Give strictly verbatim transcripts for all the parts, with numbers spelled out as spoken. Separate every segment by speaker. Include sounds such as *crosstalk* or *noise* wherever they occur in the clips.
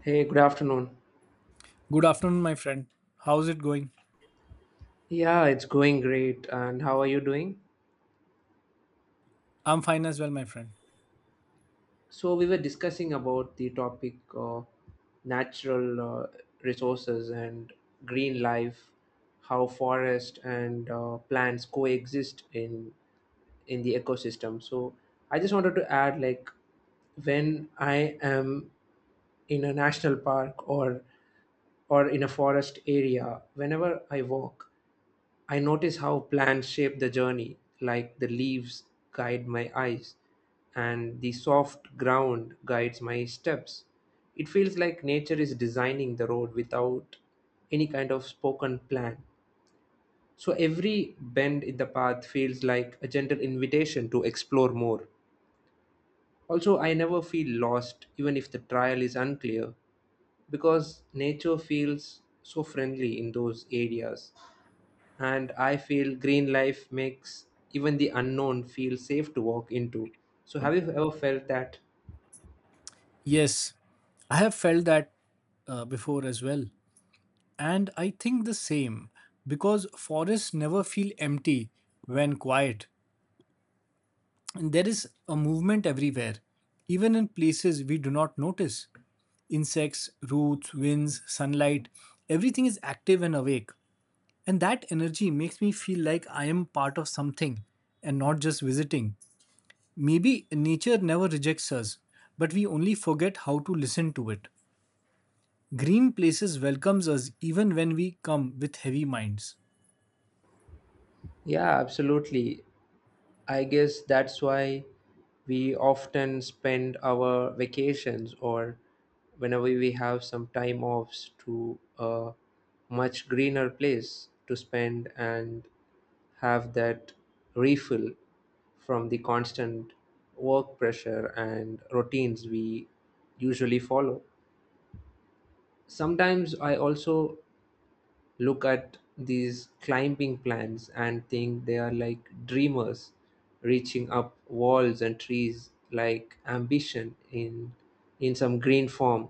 Speaker 1: Hey, good afternoon.
Speaker 2: Good afternoon, my friend. How's it going?
Speaker 1: Yeah, it's going great. And how are you doing?
Speaker 2: I'm fine as well, my friend.
Speaker 1: So, we were discussing about the topic of natural uh, resources and green life, how forest and uh, plants coexist in in the ecosystem. So, I just wanted to add like when I am in a national park or or in a forest area, whenever I walk, I notice how plants shape the journey, like the leaves guide my eyes and the soft ground guides my steps. It feels like nature is designing the road without any kind of spoken plan. So every bend in the path feels like a gentle invitation to explore more. Also, I never feel lost even if the trail is unclear because nature feels so friendly in those areas and I feel green life makes even the unknown feel safe to walk into. So, have you ever felt that?
Speaker 2: Yes, I have felt that uh, before as well. And I think the same because forests never feel empty when quiet. And there is a movement everywhere, even in places we do not notice. Insects, roots, winds, sunlight, everything is active and awake. And that energy makes me feel like I am part of something and not just visiting. Maybe nature never rejects us, but we only forget how to listen to it. Green places welcomes us even when we come with heavy minds.
Speaker 1: Yeah, absolutely. I guess that's why we often spend our vacations or whenever we have some time offs to a much greener place to spend and have that refill from the constant work pressure and routines we usually follow. Sometimes I also look at these climbing plants and think they are like dreamers reaching up walls and trees like ambition in in some green form.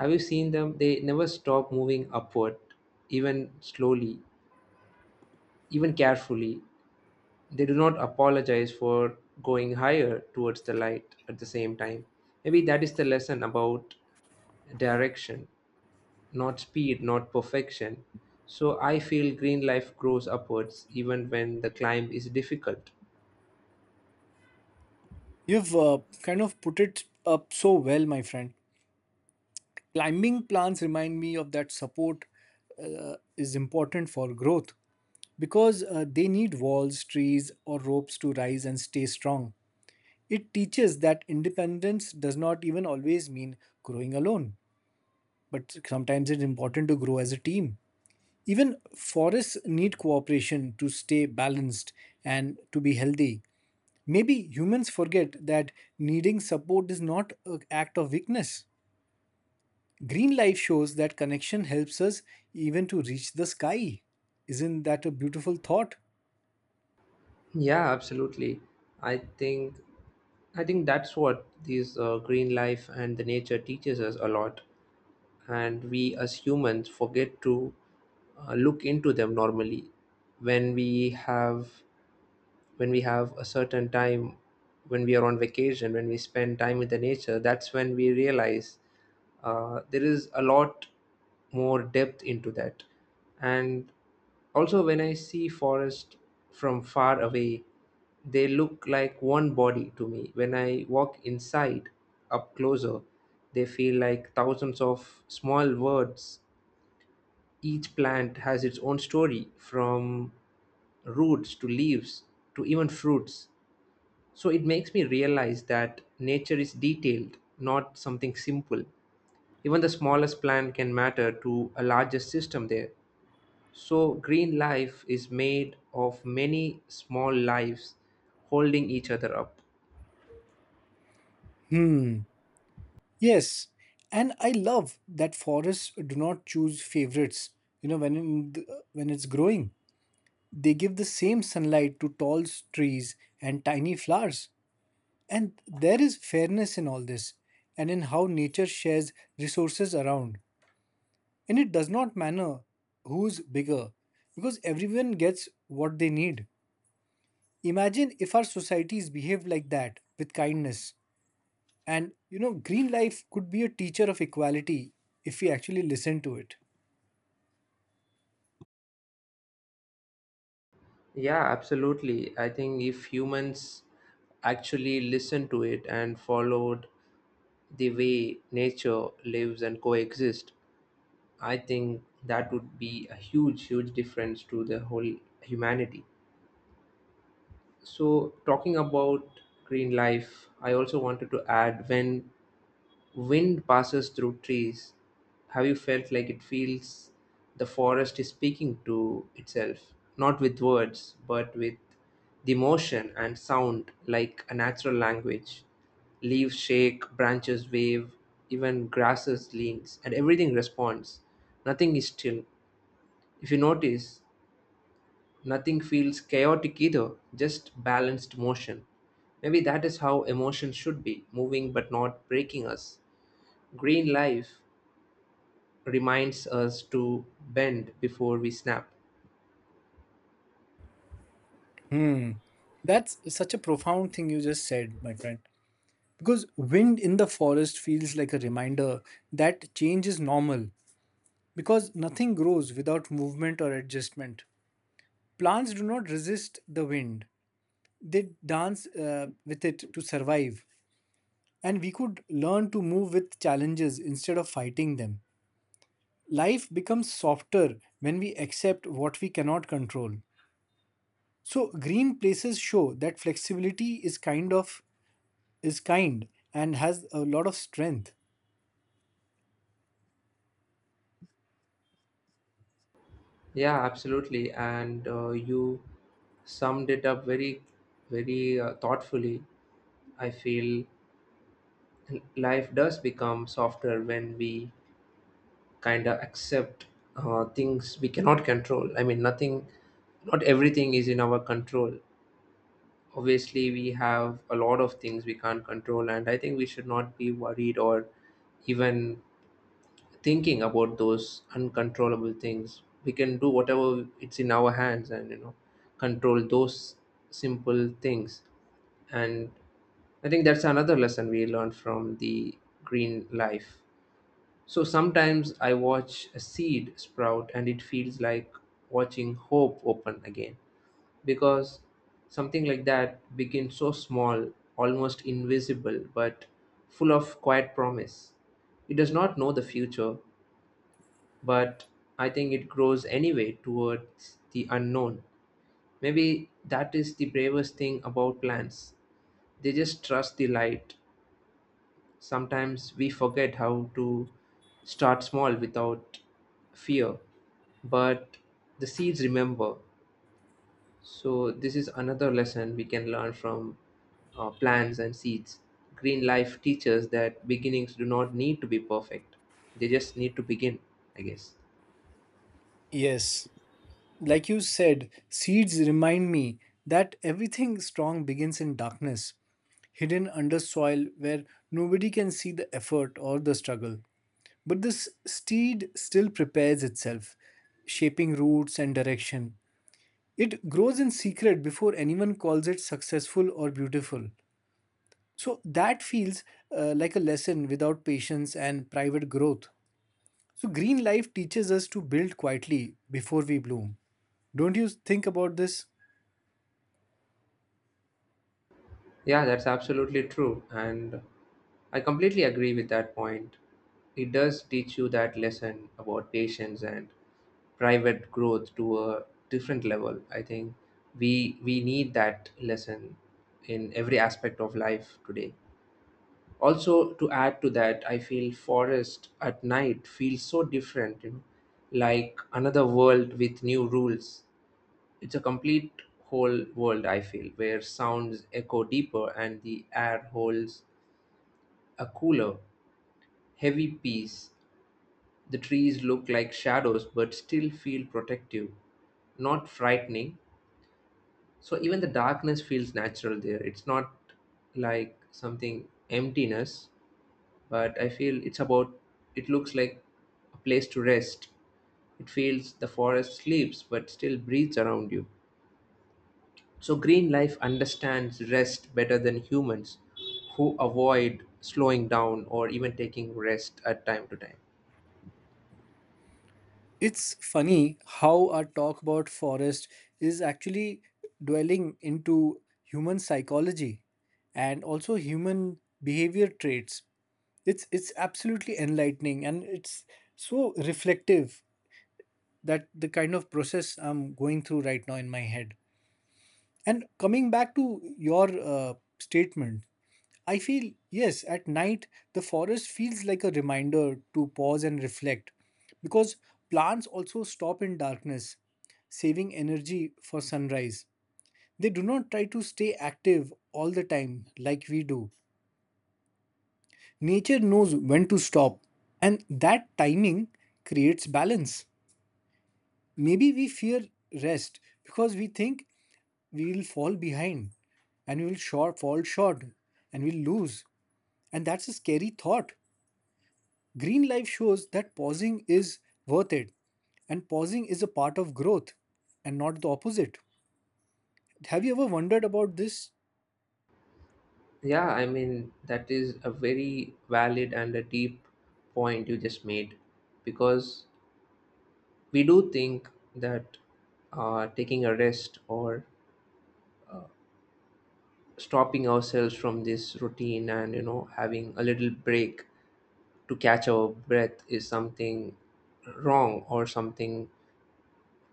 Speaker 1: Have you seen them? They never stop moving upward, even slowly, even carefully. They do not apologize for going higher towards the light at the same time. Maybe that is the lesson about direction, not speed, not perfection. So I feel green life grows upwards even when the climb is difficult.
Speaker 2: You've uh, kind of put it up so well, my friend. Climbing plants remind me of that support is important for growth because uh, they need walls, trees, or ropes to rise and stay strong. It teaches that independence does not even always mean growing alone, but sometimes it's important to grow as a team. Even forests need cooperation to stay balanced and to be healthy. Maybe humans forget that needing support is not an act of weakness. Green life shows that connection helps us even to reach the sky. Isn't that a beautiful thought?
Speaker 1: Yeah, absolutely. I think I think that's what these uh, green life and the nature teaches us a lot, and we as humans forget to uh, look into them normally when we have when we have a certain time when we are on vacation, when we spend time with the nature, that's when we realize uh, there is a lot more depth into that. And also when I see forest from far away, they look like one body to me. When I walk inside, up closer, they feel like thousands of small words. Each plant has its own story, from roots to leaves to even fruits. So it makes me realize that nature is detailed, not something simple. Even the smallest plant can matter to a larger system there. So green life is made of many small lives holding each other up.
Speaker 2: Hmm. Yes. And I love that forests do not choose favorites. You know, when in the, when it's growing, they give the same sunlight to tall trees and tiny flowers. And there is fairness in all this and in how nature shares resources around. And it does not matter who's bigger because everyone gets what they need. Imagine if our societies behaved like that with kindness. And you know, green life could be a teacher of equality if we actually listen to it.
Speaker 1: Yeah, absolutely. I think if humans actually listened to it and followed the way nature lives and coexist, I think that would be a huge huge difference to the whole humanity. So talking about green life, I also wanted to add, when wind passes through trees, have you felt like it feels the forest is speaking to itself, not with words, but with the motion and sound like a natural language? Leaves shake, branches wave, even grasses leans, and everything responds. Nothing is still. If you notice, nothing feels chaotic either, just balanced motion. Maybe that is how emotion should be, moving but not breaking us. Green life reminds us to bend before we snap.
Speaker 2: Hmm. That's such a profound thing you just said, my friend. Because wind in the forest feels like a reminder that change is normal because nothing grows without movement or adjustment. Plants do not resist the wind, they dance uh, with it to survive. And we could learn to move with challenges instead of fighting them. Life becomes softer when we accept what we cannot control. So green places show that flexibility is kind of is kind and has a lot of strength.
Speaker 1: Yeah, absolutely. And uh, you summed it up very, very uh, thoughtfully. I feel life does become softer when we kind of accept uh, things we cannot control. I mean, nothing, not everything is in our control. Obviously, we have a lot of things we can't control, and I think we should not be worried or even thinking about those uncontrollable things. We can do whatever it's in our hands, and you know, control those simple things. And I think that's another lesson we learned from the green life. So sometimes I watch a seed sprout and it feels like watching hope open again, because something like that begins so small, almost invisible, but full of quiet promise. It does not know the future, but I think it grows anyway towards the unknown. Maybe that is the bravest thing about plants. They just trust the light. Sometimes we forget how to start small without fear, but the seeds remember. So, this is another lesson we can learn from uh, plants and seeds. Green life teaches that beginnings do not need to be perfect, they just need to begin, I guess.
Speaker 2: Yes, like you said, seeds remind me that everything strong begins in darkness, hidden under soil where nobody can see the effort or the struggle. But this seed still prepares itself, shaping roots and direction. It grows in secret before anyone calls it successful or beautiful. So that feels uh, like a lesson without patience and private growth. So green life teaches us to build quietly before we bloom. Don't you think about this?
Speaker 1: Yeah, that's absolutely true. And I completely agree with that point. It does teach you that lesson about patience and private growth to a different level. I think we we need that lesson in every aspect of life today. Also, to add to that, I feel forest at night feels so different, you know, like another world with new rules. It's a complete whole world, I feel, where sounds echo deeper and the air holds a cooler, heavy peace. The trees look like shadows but still feel protective, not frightening. So even the darkness feels natural there. It's not like something emptiness, but I feel it's about, it looks like a place to rest. It feels the forest sleeps but still breathes around you. So, green life understands rest better than humans who avoid slowing down or even taking rest at time to time.
Speaker 2: It's funny how our talk about forest is actually dwelling into human psychology and also human behavior traits. It's it's absolutely enlightening and it's so reflective that the kind of process I'm going through right now in my head. And coming back to your uh, statement, I feel yes, at night the forest feels like a reminder to pause and reflect because plants also stop in darkness, saving energy for sunrise. They do not try to stay active all the time like we do. Nature knows when to stop, and that timing creates balance. Maybe we fear rest because we think we will fall behind and we will short, fall short and we'll lose. And that's a scary thought. Green life shows that pausing is worth it and pausing is a part of growth and not the opposite. Have you ever wondered about this?
Speaker 1: Yeah, I mean, that is a very valid and a deep point you just made, because we do think that uh, taking a rest or stopping ourselves from this routine, and you know, having a little break to catch our breath is something wrong or something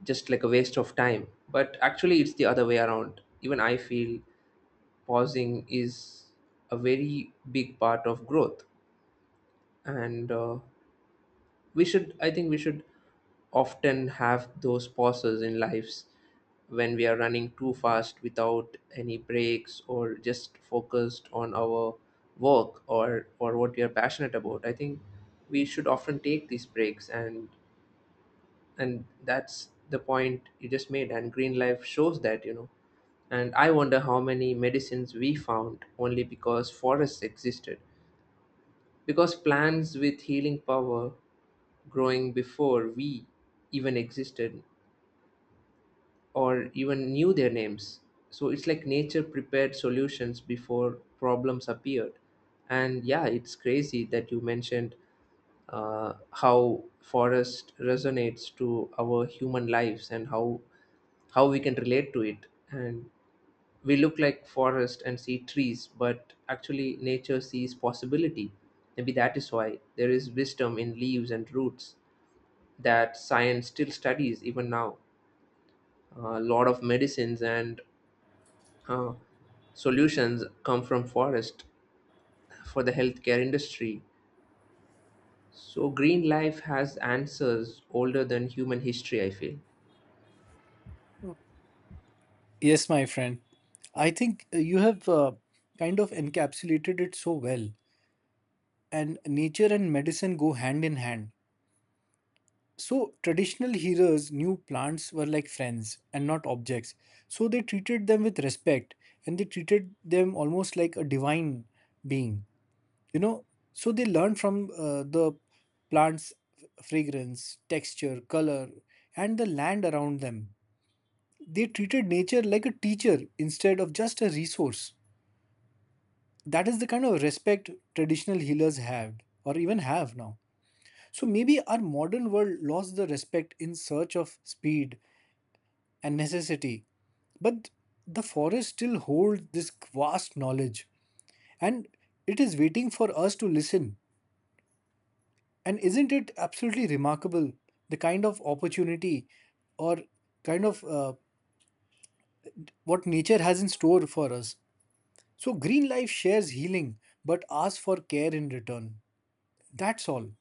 Speaker 1: just like a waste of time. But actually, it's the other way around. Even I feel pausing is a very big part of growth, and uh, we should. I think we should often have those pauses in lives when we are running too fast without any breaks or just focused on our work or or what we are passionate about. I think we should often take these breaks, and and that's the point you just made, and green life shows that, you know. And I wonder how many medicines we found only because forests existed, because plants with healing power growing before we even existed or even knew their names. So it's like nature prepared solutions before problems appeared. And yeah, it's crazy that you mentioned uh, how forest resonates to our human lives and how how we can relate to it. And we look like forest and see trees, but actually nature sees possibility. Maybe that is why there is wisdom in leaves and roots that science still studies even now. A lot of medicines and uh, solutions come from forest for the healthcare industry. So green life has answers older than human history, I feel.
Speaker 2: Yes, my friend. I think uh, you have uh, kind of encapsulated it so well. And nature and medicine go hand in hand. So traditional heroes knew plants were like friends and not objects. So they treated them with respect and they treated them almost like a divine being. You know, so they learned from uh, the plants fragrance, texture, color and the land around them. They treated nature like a teacher instead of just a resource. That is the kind of respect traditional healers had or even have now. So maybe our modern world lost the respect in search of speed and necessity. But the forest still holds this vast knowledge and it is waiting for us to listen. And isn't it absolutely remarkable the kind of opportunity or kind of uh, what nature has in store for us? So, green life shares healing but asks for care in return. That's all.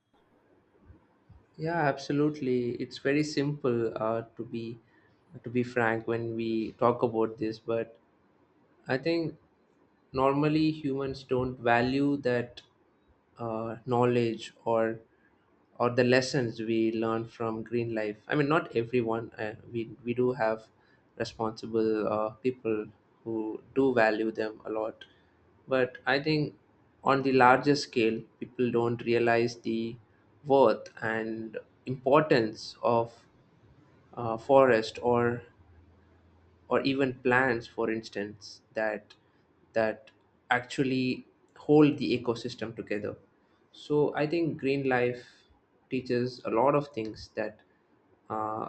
Speaker 1: Yeah, absolutely. It's very simple, uh, to be to be frank, when we talk about this. But I think normally humans don't value that uh, knowledge or or the lessons we learn from green life. I mean, not everyone, uh, we we do have responsible uh, people who do value them a lot, but I think on the larger scale people don't realize the worth and importance of uh, forest or or even plants, for instance, that that actually hold the ecosystem together. So I think green life teaches a lot of things that uh,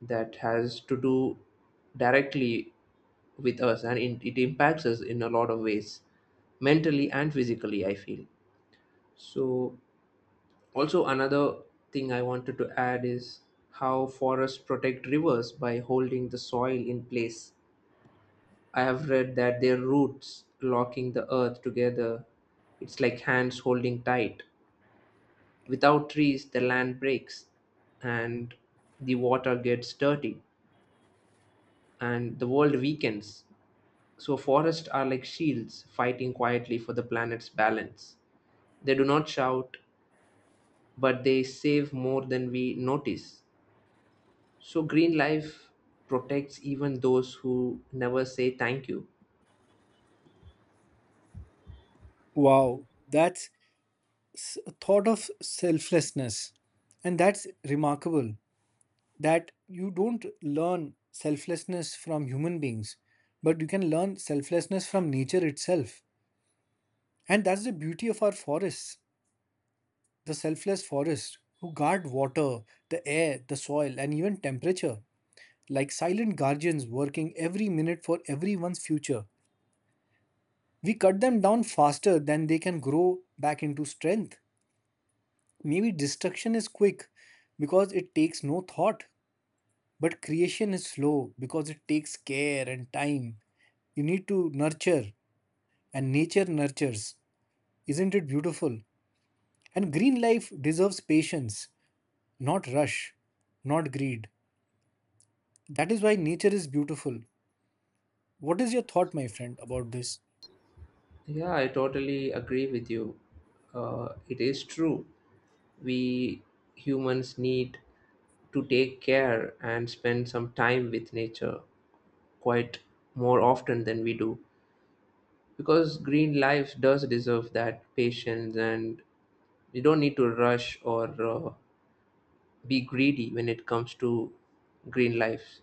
Speaker 1: that has to do directly with us, and it, it impacts us in a lot of ways, mentally and physically, I feel. So also another thing I wanted to add is how forests protect rivers by holding the soil in place. I have read that their roots locking the earth together, it's like hands holding tight. Without trees, the land breaks and the water gets dirty and the world weakens. So, forests are like shields fighting quietly for the planet's balance. They do not shout, but they save more than we notice. So, green life protects even those who never say thank you.
Speaker 2: Wow, that's s- a thought of selflessness. And that's remarkable that you don't learn selflessness from human beings, but you can learn selflessness from nature itself. And that's the beauty of our forests, the selfless forests who guard water, the air, the soil, and even temperature, like silent guardians working every minute for everyone's future. We cut them down faster than they can grow back into strength. Maybe destruction is quick because it takes no thought, but creation is slow because it takes care and time. You need to nurture, and nature nurtures. Isn't it beautiful? And green life deserves patience, not rush, not greed. That is why nature is beautiful. What is your thought, my friend, about this?
Speaker 1: Yeah, I totally agree with you. Uh, it is true. We humans need to take care and spend some time with nature quite more often than we do, because green life does deserve that patience, and you don't need to rush or uh, be greedy when it comes to green life.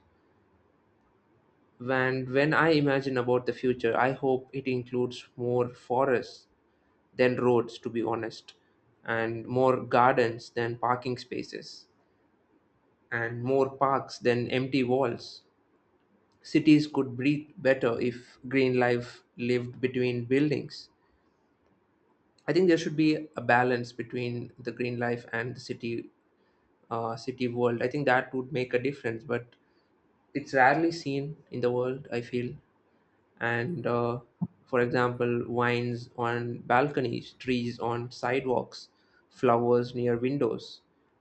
Speaker 1: And when I imagine about the future, I hope it includes more forests than roads, to be honest, and more gardens than parking spaces, and more parks than empty walls. Cities could breathe better if green life lived between buildings. I think there should be a balance between the green life and the city, uh, city world. I think that would make a difference, but it's rarely seen in the world. I feel and uh, for example, vines on balconies, trees on sidewalks, flowers near windows.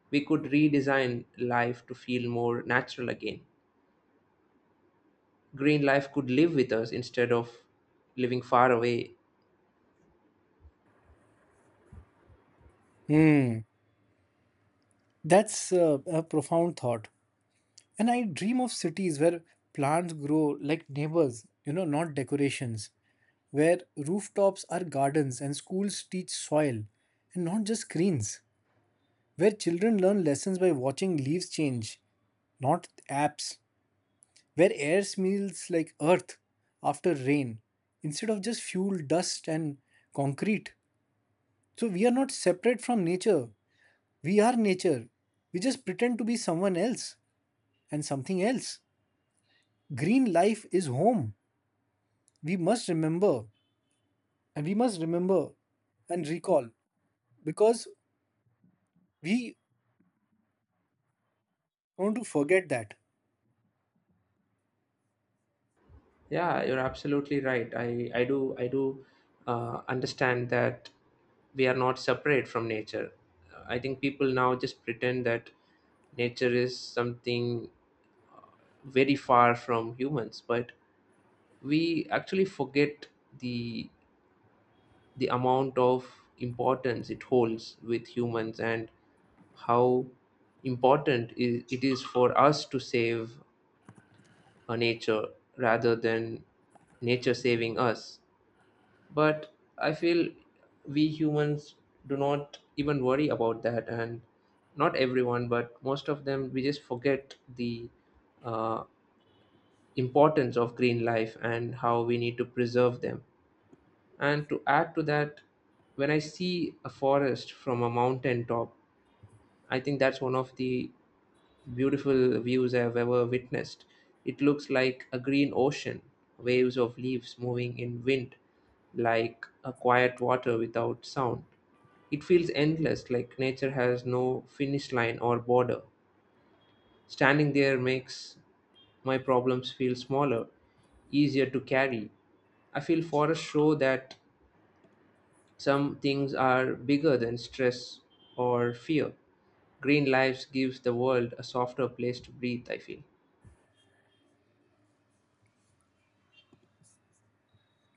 Speaker 1: We could redesign life to feel more natural again. Green life could live with us instead of living far away.
Speaker 2: Hmm, that's uh, a profound thought. And I dream of cities where plants grow like neighbors, you know, not decorations, where rooftops are gardens and schools teach soil and not just screens, where children learn lessons by watching leaves change not apps, where air smells like earth after rain instead of just fuel, dust, and concrete. So we are not separate from nature. We are nature. We just pretend to be someone else and something else. Green life is home. We must remember and we must remember and recall because we want to forget that.
Speaker 1: Yeah, you're absolutely right. I i do i do uh, understand that we are not separate from nature. I think people now just pretend that nature is something very far from humans, but we actually forget the the amount of importance it holds with humans and how important i- it is for us to save a nature rather than nature saving us. But I feel we humans do not even worry about that, and not everyone, but most of them, we just forget the uh, importance of green life and how we need to preserve them. And to add to that, when I see a forest from a mountain top, I think that's one of the beautiful views I've ever witnessed. It looks like a green ocean, waves of leaves moving in wind, like a quiet water without sound. It feels endless, like nature has no finish line or border. Standing there makes my problems feel smaller, easier to carry. I feel forests show that some things are bigger than stress or fear. Green Lives gives the world a softer place to breathe, I feel.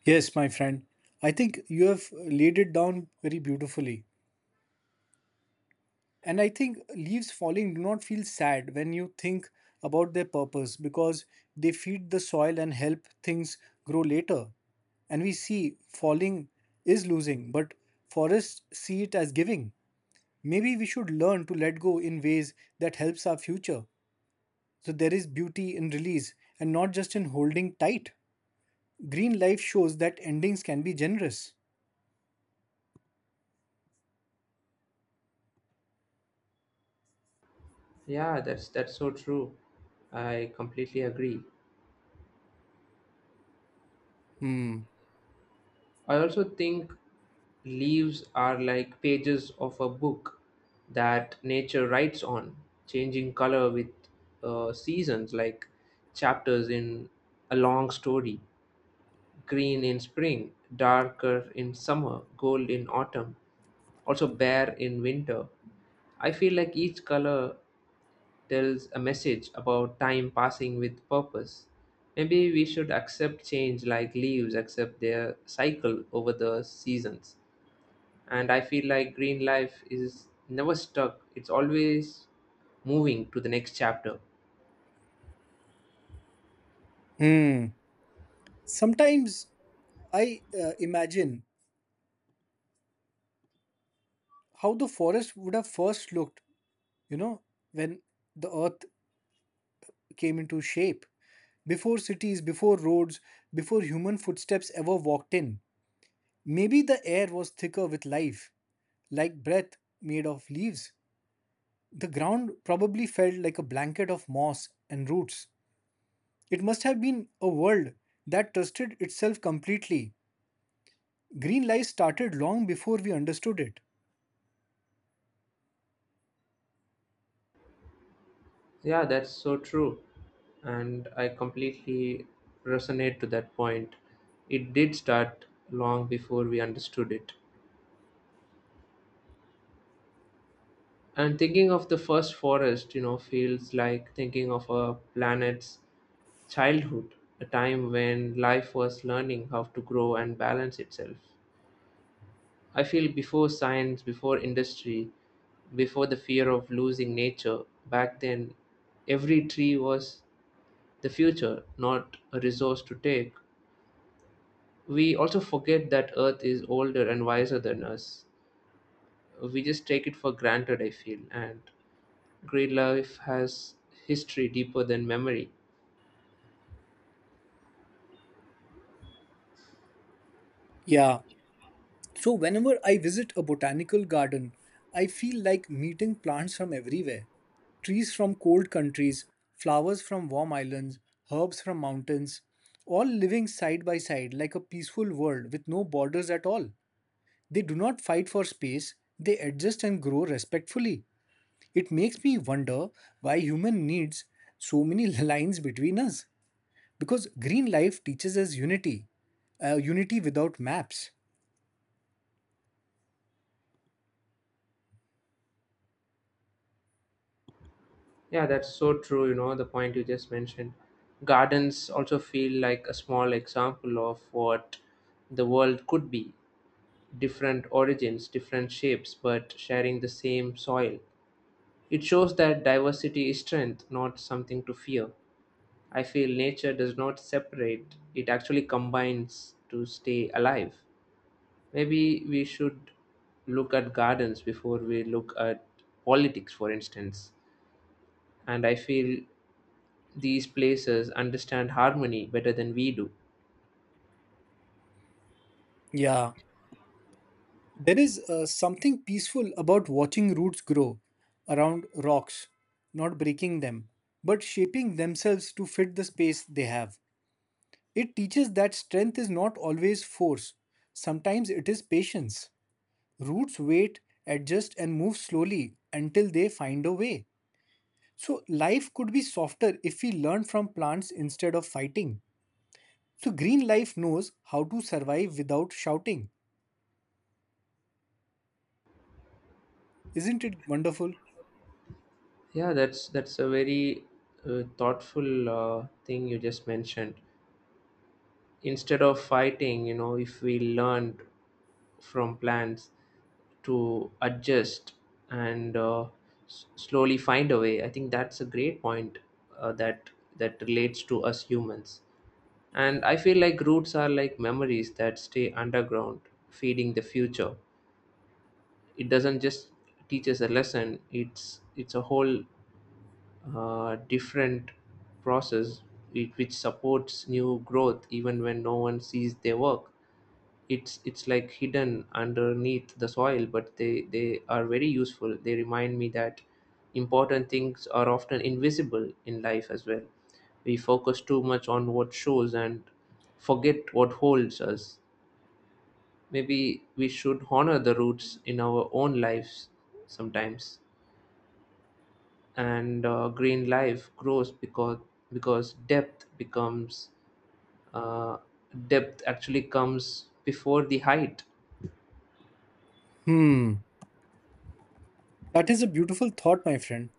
Speaker 2: Yes, my friend. I think you have laid it down very beautifully. And I think leaves falling do not feel sad when you think about their purpose because they feed the soil and help things grow later. And we see falling is losing, but forests see it as giving. Maybe we should learn to let go in ways that helps our future. So there is beauty in release and not just in holding tight. Green life shows that endings can be generous.
Speaker 1: Yeah, that's that's so true. I completely agree.
Speaker 2: Hmm.
Speaker 1: I also think leaves are like pages of a book that nature writes on, changing color with uh, seasons, like chapters in a long story. Green in spring, darker in summer, gold in autumn, also bare in winter. I feel like each color tells a message about time passing with purpose. Maybe we should accept change like leaves accept their cycle over the seasons. And I feel like green life is never stuck, it's always moving to the next chapter.
Speaker 2: Hmm. Sometimes I uh, imagine how the forest would have first looked, you know, when the earth came into shape, before cities, before roads, before human footsteps ever walked in. Maybe the air was thicker with life, like breath made of leaves. The ground probably felt like a blanket of moss and roots. It must have been a world that trusted itself completely. Green life started long before we understood it.
Speaker 1: Yeah, that's so true. And I completely resonate to that point. It did start long before we understood it. And thinking of the first forest, you know, feels like thinking of a planet's childhood, a time when life was learning how to grow and balance itself. I feel before science, before industry, before the fear of losing nature, back then every tree was the future, not a resource to take. We also forget that Earth is older and wiser than us. We just take it for granted, I feel, and Great life has history deeper than memory.
Speaker 2: Yeah, so, whenever I visit a botanical garden, I feel like meeting plants from everywhere trees from cold countries, flowers from warm islands, herbs from mountains, all living side by side like a peaceful world with no borders at all. They do not fight for space, they adjust and grow respectfully. It makes me wonder why human needs so many *laughs* lines between us. Because green life teaches us unity, uh, unity without maps.
Speaker 1: Yeah, that's so true. You know, the point you just mentioned. Gardens also feel like a small example of what the world could be: different origins, different shapes, but sharing the same soil. It shows that diversity is strength, not something to fear. I feel nature does not separate, it actually combines to stay alive. Maybe we should look at gardens before we look at politics, for instance. And I feel these places understand harmony better than we do.
Speaker 2: Yeah, there is uh, something peaceful about watching roots grow around rocks, not breaking them, but shaping themselves to fit the space they have. It teaches that strength is not always force, sometimes it is patience. Roots wait, adjust, and move slowly until they find a way. So, life could be softer if we learn from plants instead of fighting. So, green life knows how to survive without shouting. Isn't it wonderful?
Speaker 1: Yeah, that's that's a very uh, thoughtful uh, thing you just mentioned. Instead of fighting, you know, if we learned from plants to adjust and uh, s- slowly find a way, I think that's a great point uh, that that relates to us humans. And I feel like roots are like memories that stay underground, feeding the future. It doesn't just teach us a lesson; it's it's a whole uh, different process it, which supports new growth even when no one sees their work. It's it's like hidden underneath the soil, but they they are very useful. They remind me that important things are often invisible in life as well. We focus too much on what shows and forget what holds us. Maybe we should honor the roots in our own lives sometimes. And uh, green life grows because because depth becomes uh, depth actually comes before the height.
Speaker 2: Hmm. That is a beautiful thought, my friend.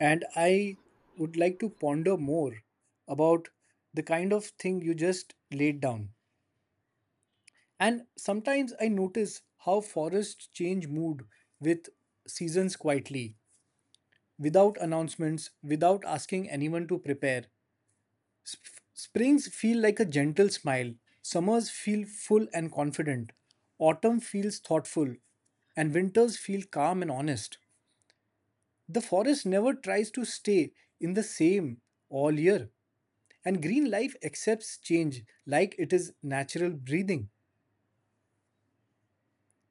Speaker 2: And I would like to ponder more about the kind of thing you just laid down. And sometimes I notice how forests change mood with seasons quietly, without announcements, without asking anyone to prepare. Sp- springs feel like a gentle smile, summers feel full and confident, autumn feels thoughtful, and winters feel calm and honest. The forest never tries to stay in the same all year, and green life accepts change like it is natural breathing.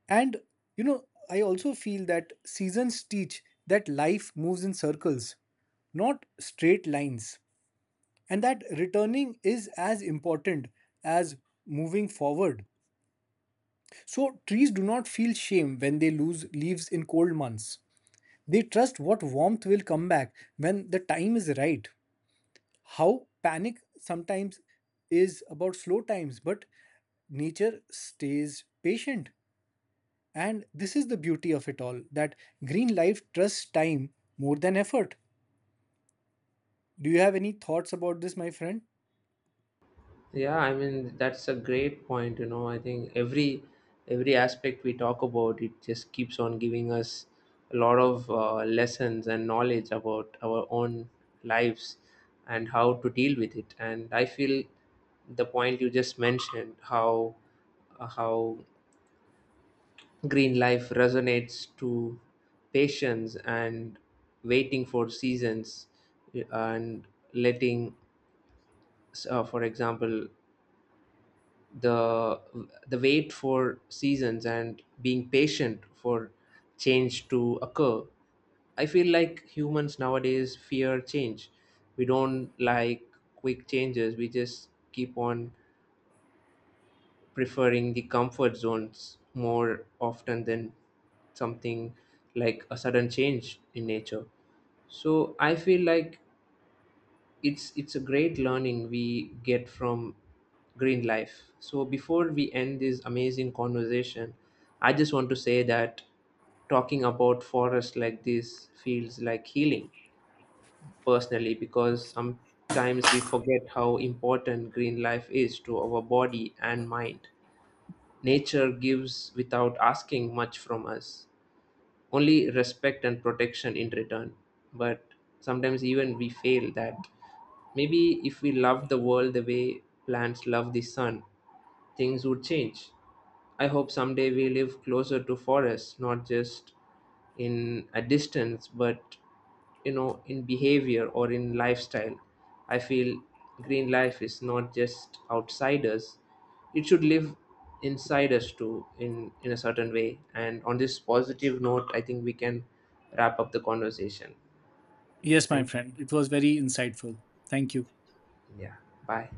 Speaker 2: And you know, I also feel that seasons teach that life moves in circles, not straight lines, and that returning is as important as moving forward. So, trees do not feel shame when they lose leaves in cold months. They trust what warmth will come back when the time is right. How panic sometimes is about slow times, but nature stays patient. And this is the beauty of it all that green life trusts time more than effort. Do you have any thoughts about this, my friend?
Speaker 1: Yeah, I mean that's a great point, you know. I think every every aspect we talk about, it just keeps on giving us a lot of uh, lessons and knowledge about our own lives and how to deal with it. And I feel the point you just mentioned, how uh, how green life resonates to patience and waiting for seasons, uh, and letting uh, for example, the the wait for seasons and being patient for change to occur. I feel like humans nowadays fear change. We don't like quick changes. We just keep on preferring the comfort zones more often than something like a sudden change in nature. So I feel like it's it's a great learning we get from green life. So before we end this amazing conversation, I just want to say that talking about forests like this feels like healing personally, because sometimes we forget how important green life is to our body and mind. Nature gives without asking much from us, only respect and protection in return. But sometimes even we fail that. Maybe if we loved the world the way plants love the sun, things would change. I hope someday we live closer to forests, not just in a distance, but you know, in behavior or in lifestyle. I feel green life is not just outside us, it should live inside us too, in in a certain way. And on this positive note, I think we can wrap up the conversation.
Speaker 2: Yes, my
Speaker 1: Thank you.
Speaker 2: friend, it was very insightful. Thank you.
Speaker 1: Yeah. Bye.